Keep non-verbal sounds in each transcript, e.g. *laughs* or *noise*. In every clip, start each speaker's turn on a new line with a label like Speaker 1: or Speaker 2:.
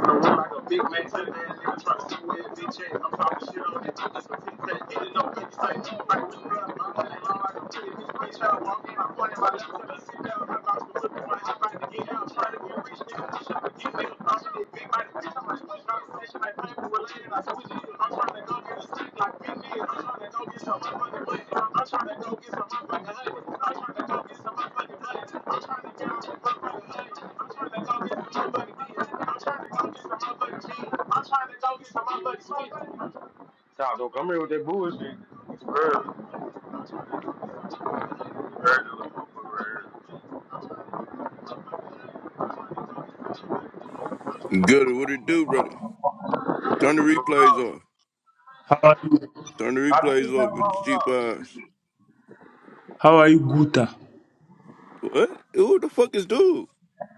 Speaker 1: I went like a big man to that nigga try to see where his bitch at. I'm talking shit on the dick, it's a six pack. Hit it up, bitch, say, I can do I'm running long like a kid. This bitch, I walk in, I point at my shit, tell her sit down. Her mouth was looking for her, trying to get out, trying to get rich, nigga, just trying to get me. I'm trying to big body, bitch, I'm like, push conversation, like, paper related, I told you. I'm trying to go get a stick like big man. I'm trying to go get some motherfucking money. I'm trying to go get some motherfucking honey. I'm trying to go get some motherfucking money. I'm trying to get some motherfucking honey. I'm trying to go get some motherfucking bitch. I'm trying to go get some motherfucking cheese. I'm trying to go get some motherfucking cheese. Y'all don't come here with that bullshit. Early, early, motherfucker, early.
Speaker 2: Good. What it do, brother? Turn the
Speaker 1: What's going
Speaker 2: replays
Speaker 1: on?
Speaker 2: off.
Speaker 3: How are you?
Speaker 2: Turn the
Speaker 1: I
Speaker 2: replays
Speaker 1: did tell
Speaker 2: off
Speaker 1: him I
Speaker 2: with
Speaker 1: was
Speaker 2: your cheap eyes.
Speaker 3: How are you, Guta?
Speaker 2: What? Who the fuck is dude?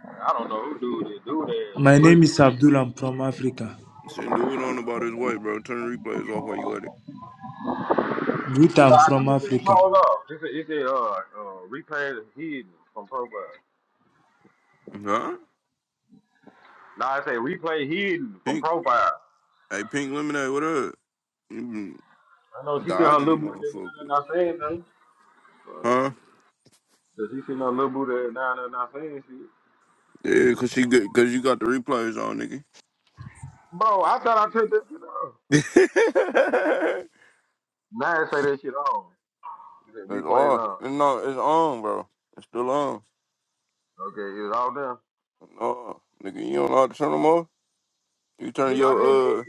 Speaker 1: I don't know who dude this dude is.
Speaker 3: My
Speaker 1: We're,
Speaker 3: name is Abdul. I'm from Africa.
Speaker 2: Send dude on about his wife, bro. Turn the replays off while you at it.
Speaker 3: Guta, I'm
Speaker 1: I
Speaker 3: from
Speaker 1: did this is I
Speaker 3: Africa.
Speaker 1: was It's a, it's a uh, uh, replay hidden from profile.
Speaker 2: Huh?
Speaker 1: Nah, I say replay hidden from
Speaker 2: Pink.
Speaker 1: profile.
Speaker 2: Hey, Pink Lemonade, what up? You been
Speaker 1: I know she seen her
Speaker 2: dodging the
Speaker 1: little booty and
Speaker 2: motherfucker.
Speaker 1: not saying nothing. But
Speaker 2: Huh?
Speaker 1: 'cause she seen her little booty and not saying shit.
Speaker 2: Yeah, cause she good, cause you got the replays on, nigga.
Speaker 1: Bro, I thought I took this shit off. Now it say that shit on. It said
Speaker 2: *laughs* it's
Speaker 1: replays
Speaker 2: off.
Speaker 1: on.
Speaker 2: No, it's on, bro. It's still on.
Speaker 1: Okay, it was all done.
Speaker 2: No, nigga, you don't know how to turn them off. You turn
Speaker 1: Nigga, I didn't.
Speaker 2: your uh,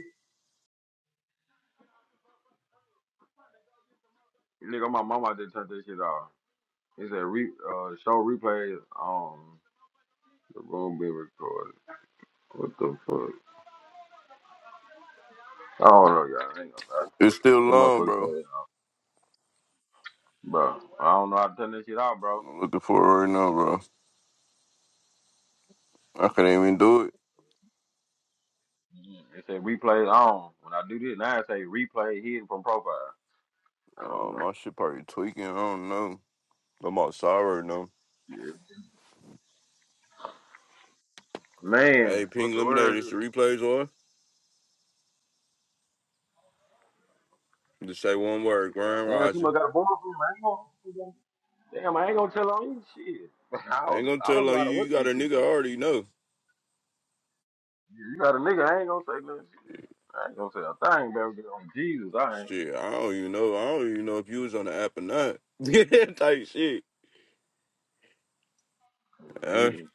Speaker 1: Nigga, my mama I didn't turn that shit off. It said re uh show replays on the room being recorded. What the fuck? I don't know, y'all. I ain't gonna lie.
Speaker 2: it's still
Speaker 1: Them
Speaker 2: on,
Speaker 1: motherfuckers
Speaker 2: bro.
Speaker 1: said, it off. bro, I don't know how to turn that shit off, bro.
Speaker 2: I'm looking for it right now, bro. I couldn't even do it.
Speaker 1: Mm, It said replays on. When I do this, now it say replay hidden from profile. I don't
Speaker 2: Oh,
Speaker 1: know.
Speaker 2: my shit probably tweaking. I don't know. I'm outside right now.
Speaker 1: Yeah. Man,
Speaker 2: Hey,
Speaker 1: what
Speaker 2: Pink
Speaker 1: the
Speaker 2: Lemonade,
Speaker 1: word?
Speaker 2: it's
Speaker 1: is?
Speaker 2: the replays on. Just say one word, Grand
Speaker 1: Damn, she
Speaker 2: Rising.
Speaker 1: must got a boyfriend, man. Damn, I ain't gonna tell on you shit. *laughs* I
Speaker 2: I ain't
Speaker 1: don't,
Speaker 2: gonna
Speaker 1: I don't
Speaker 2: tell
Speaker 1: know
Speaker 2: on
Speaker 1: how
Speaker 2: you.
Speaker 1: to
Speaker 2: You
Speaker 1: work
Speaker 2: got
Speaker 1: this
Speaker 2: a
Speaker 1: shit
Speaker 2: nigga
Speaker 1: for
Speaker 2: I
Speaker 1: real.
Speaker 2: already know.
Speaker 1: You you got a nigga, I ain't gonna say nothing. I ain't gonna say a thing about it on Jesus. I ain't.
Speaker 2: Shit, I don't even know. I don't even know if you was on the app or not. *laughs* type shit. Uh,
Speaker 1: Jesus.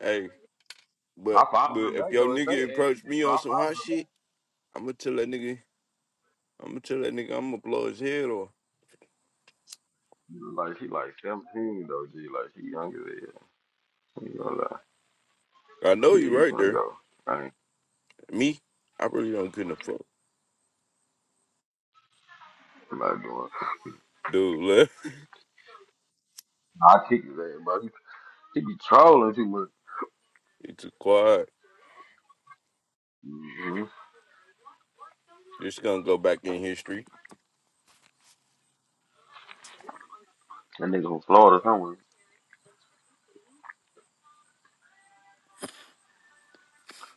Speaker 2: hey, but
Speaker 1: I followed
Speaker 2: but
Speaker 1: her
Speaker 2: if
Speaker 1: back
Speaker 2: your
Speaker 1: though. If they
Speaker 2: nigga
Speaker 1: add
Speaker 2: approached
Speaker 1: big,
Speaker 2: me
Speaker 1: so
Speaker 2: on
Speaker 1: I
Speaker 2: some
Speaker 1: followed
Speaker 2: hot
Speaker 1: her
Speaker 2: shit,
Speaker 1: back.
Speaker 2: I'm gonna tell that nigga. I'm gonna tell that nigga. I'm gonna blow his head off.
Speaker 1: She was Like she like seventeen though, G. Like she younger than you. You gonna lie?
Speaker 2: I know
Speaker 1: Yeah,
Speaker 2: you
Speaker 1: you
Speaker 2: right
Speaker 1: gonna
Speaker 2: there.
Speaker 1: go. I ain't
Speaker 2: Me, I really don't give a fuck,
Speaker 1: like doing.
Speaker 2: dude. Left. *laughs*
Speaker 1: I kick his ass, bro. He he be trolling too much.
Speaker 2: It's too quiet.
Speaker 1: hmm
Speaker 2: Just gonna go back in history.
Speaker 1: That nigga from Florida somewhere.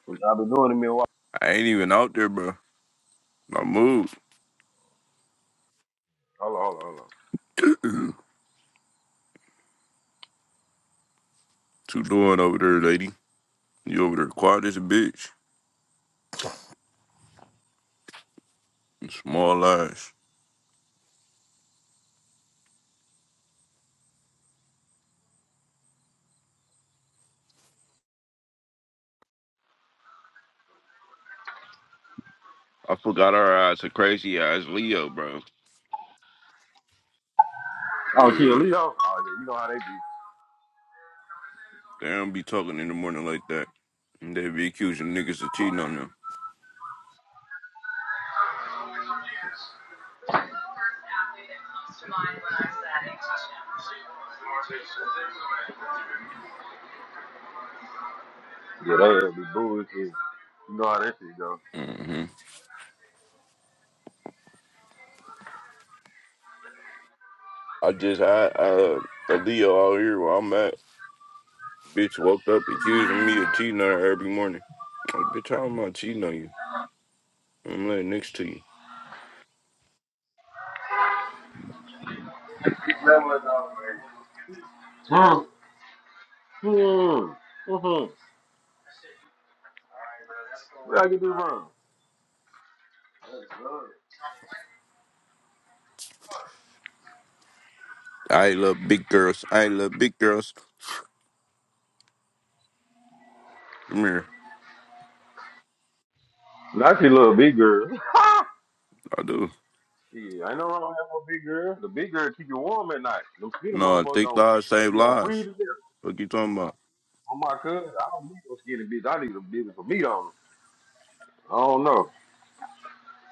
Speaker 1: What y'all been doing to me? a while?
Speaker 2: I ain't even out there, bro. I moved.
Speaker 1: Hold on, hold on, hold on.
Speaker 2: What you doing over there, lady? You over there quiet as a bitch. Small eyes. I forgot our eyes are crazy eyes, Leo, bro.
Speaker 1: Oh, she a
Speaker 2: Yeah,
Speaker 1: Leo? Oh yeah, you know how they do.
Speaker 2: they don't be talking in the morning like that. They be accusing niggas of cheating on them.
Speaker 1: Yeah, they had me booing You know how that shit go.
Speaker 2: hmm I just had uh, a Leo out here where I'm at. Bitch woke up accusing me of cheating on her every morning. like, bitch, how am I cheating on you? I'm laying next to you.
Speaker 1: Hmm. Hmm. Hmm. What I can do wrong?
Speaker 2: I love big girls. I love big girls. Come here.
Speaker 1: Not your little big girl.
Speaker 2: I do.
Speaker 1: Yeah, I know I don't have no big girl. The big girl keep you warm at night. Them skinny
Speaker 2: No,
Speaker 1: motherfucker
Speaker 2: thick
Speaker 1: on.
Speaker 2: thighs save
Speaker 1: You gonna freeze
Speaker 2: lives.
Speaker 1: to death.
Speaker 2: What you talking about?
Speaker 1: On my cousin, I don't need no skinny bitch. I need a bitch with some meat on 'em. I don't know.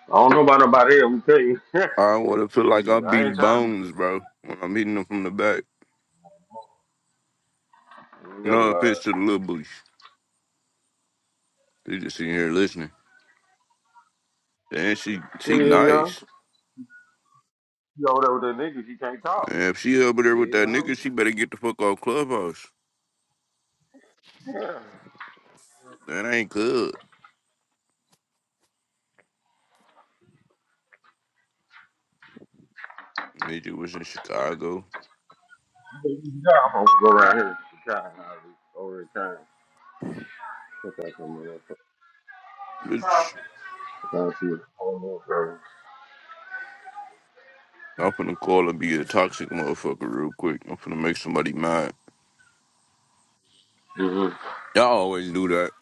Speaker 1: I don't know about nobody else. I'm telling you. *laughs*
Speaker 2: I want to feel like
Speaker 1: She,
Speaker 2: I'm
Speaker 1: I
Speaker 2: beating
Speaker 1: ain't trying to be
Speaker 2: bones,
Speaker 1: cool.
Speaker 2: bro, when I'm hitting them from the back.
Speaker 1: I ain't
Speaker 2: No
Speaker 1: never
Speaker 2: offense
Speaker 1: lied.
Speaker 2: to the little booties. They just sitting here listening. And she she
Speaker 1: Yeah, yeah.
Speaker 2: nice.
Speaker 1: She over there with that nigga. She can't talk.
Speaker 2: Man, if she over there with
Speaker 1: Yeah,
Speaker 2: that
Speaker 1: I'm,
Speaker 2: nigga, she better get the fuck off Clubhouse. That ain't good. Midget was in Chicago.
Speaker 1: I'm gonna go around here to Chicago. I'll be Over in time. Fuck out some of that. fuck.
Speaker 2: Bitch,
Speaker 1: I can't see what's going on, bro.
Speaker 2: I'm finna call and be a toxic motherfucker real quick. I'm finna make somebody mad.
Speaker 1: Mm-hmm.
Speaker 2: Y'all always do that.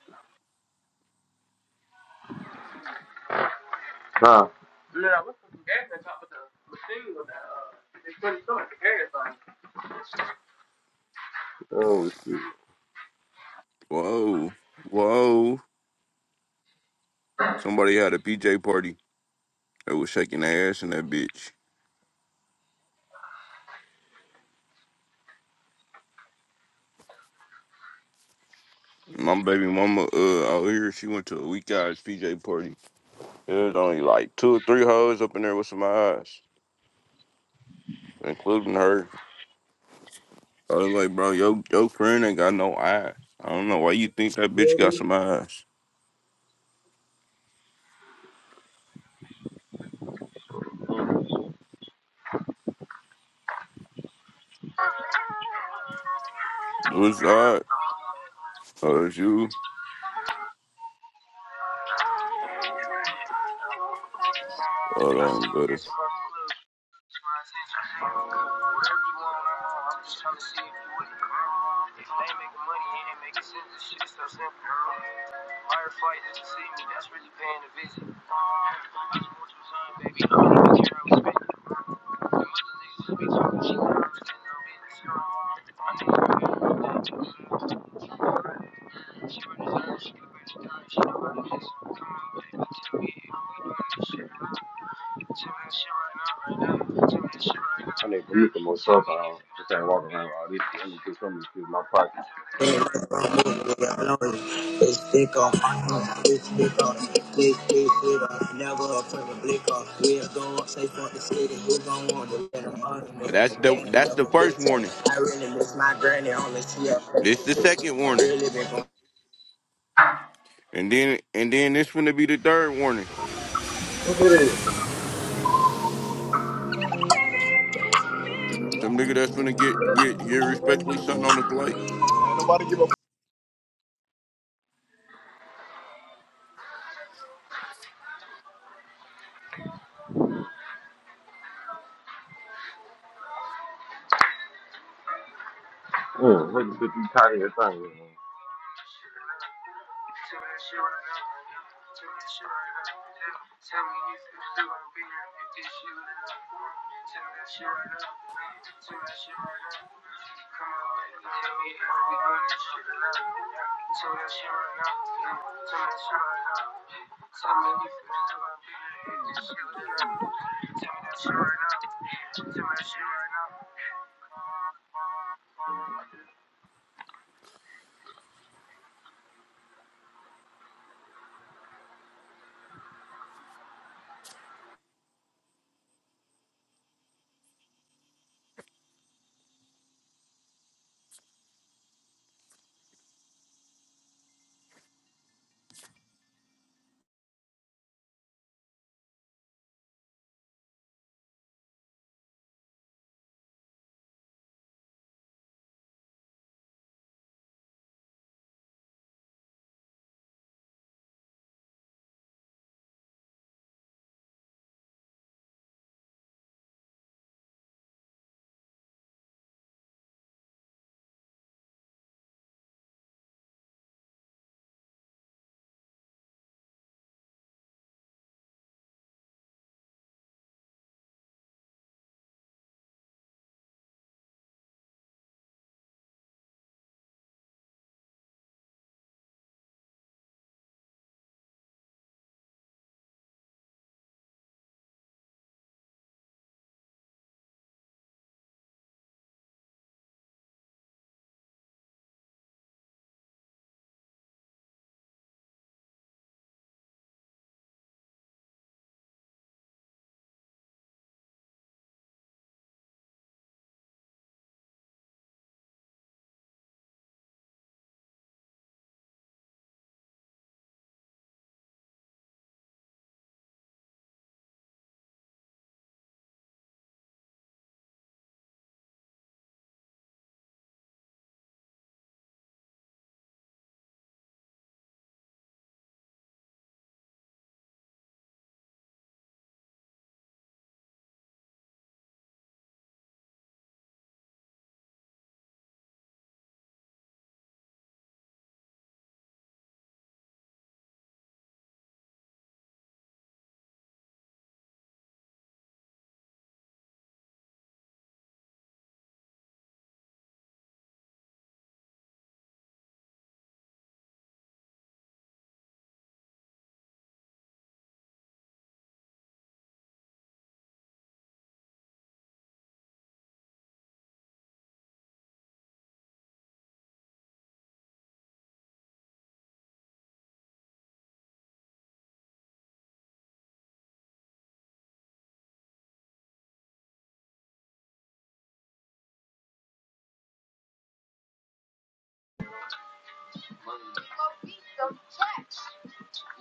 Speaker 1: Huh? Yeah, what's the gas on top of the machine? It's pretty so much gas on it. Oh, shit.
Speaker 2: Whoa. Whoa. Somebody had a PJ party. They was shaking their ass in that bitch. My baby mama, uh, out here, she went to a weak eyes PJ party. There was only like two or three hoes up in there with some eyes, including her. I was like, bro, yo, your friend ain't got no eyes. I don't know why you think that bitch got some eyes. What's that? Oh, it's you. Hold
Speaker 1: I
Speaker 2: on,
Speaker 1: still
Speaker 2: better.
Speaker 1: guess if I could. My attention span. Wherever you want, I'm on. I'm just trying to see if you with come. If they ain't making money, it ain't making sense. This shit is so simple. Firefight doesn't see me. That's really paying a visit. I just want your time, baby. I don't even care how we spend it. Them other niggas just be talking shit. I don't understand no business. My niggas right here, i that. She redesign, she look better than I. She know how to listen. Come on, baby, tell me if we doing this shit. I need to look at myself. out. I don't just ain't walking around all this shit. Let me put some of in my pocket.
Speaker 4: It's thick off, it's thick off, thick, thick, thick off. Never a perfect blick off. We'll go up, say fuck the city. Who gon' want to let them on me?
Speaker 2: That's the
Speaker 4: Danny
Speaker 2: that's the
Speaker 4: never big
Speaker 2: first
Speaker 4: tank.
Speaker 2: warning.
Speaker 4: I really miss my granny, only she up.
Speaker 2: This the second warning,
Speaker 4: Really been
Speaker 2: and then and then this gonna be the third warning.
Speaker 1: What's it is?
Speaker 2: Some nigga that's gonna get get get respectfully sent on the flight.
Speaker 1: Mm, what the fuck you talking that thing? with, man?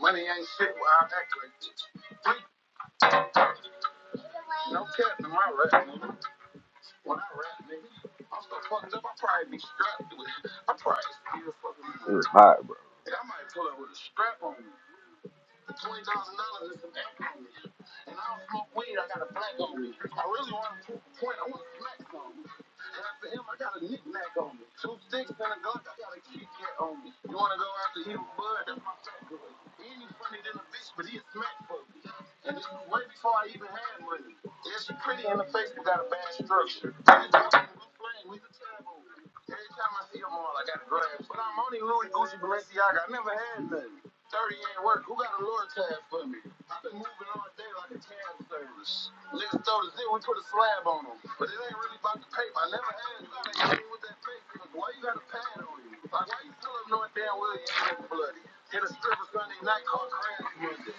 Speaker 1: Money ain't shit without that. Like, no cap in my life. When I rap, nigga, I'm so fucked up, I probably be strapped with it. I probably still fucking It's hot, bro. And I might pull up with a strap on me, twenty thousand dollars and some act on me. And I don't smoke weed, I got a black on me. I really want to prove a point, I want to smack some. After him, I got a knick-knack on me. Two sticks and a gun, I got a Kit Kat on me. You wanna go after to him, bud? That's my fat He ain't funny than a bitch, but he a smack for me. And this was way before I even had money. Yeah, she pretty in the face, but got a bad structure. Every time we playing, we the tab on. me. Every time I see them all, I got to grab. But I'm only Louis Gucci Balenciaga. I never had nothing. 30 ain't work. Who got a lure tab for me? I've been moving on day Like a candle service, niggas throw the zit, we put a slab on 'em. But it ain't really 'bout the paper. I never had nothing to do with that paper. Why you got a pad on you? Like why you still up north, damn? Where you ain't bloody? get your blood? Hit a stripper's name, Nightcore, Grand.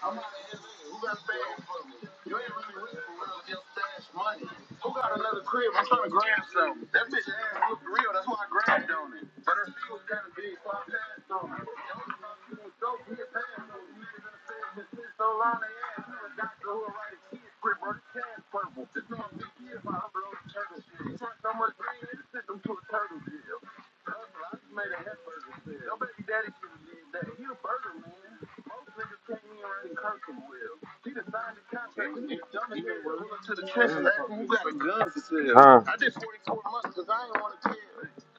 Speaker 1: I'm out of LA. Who got fans for me? You ain't really rich for real, just stash money. Who got another crib? I'm trying to grab something. That bitch ass looked real, that's why I grabbed on it. But her feet was kind of big, so I passed on it. The only time she was dope, we had passed on it. You niggas done said this bitch so long, they ass her a doctor who will write a kid's crib, her cash purple. This is my big kid, my upload turtle shit. He tried so much green, they sent them to a turtle jail. Hustle, I just made a hamburger sale. Your baby daddy should have did that. He a burger man. Most niggas can't even write a curtain well. He done signed the contract with this dumb as hell. Went into the trenches asking who got a gun for sale. Huh. I did 44 months because I ain't want to tell.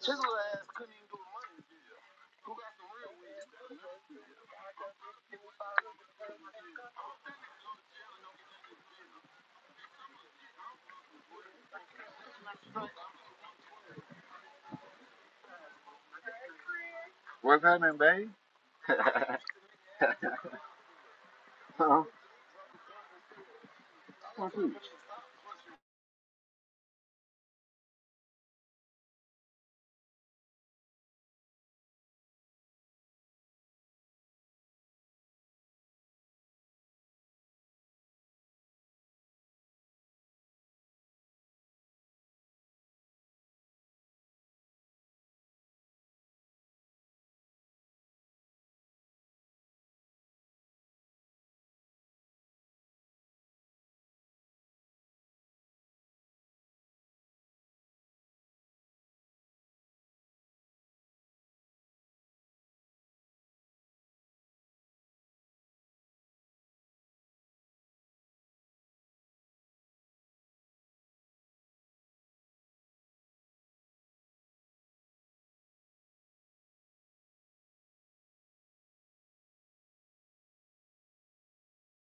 Speaker 1: Chisel ass couldn't even do a money deal. What's happening, babe? Huh?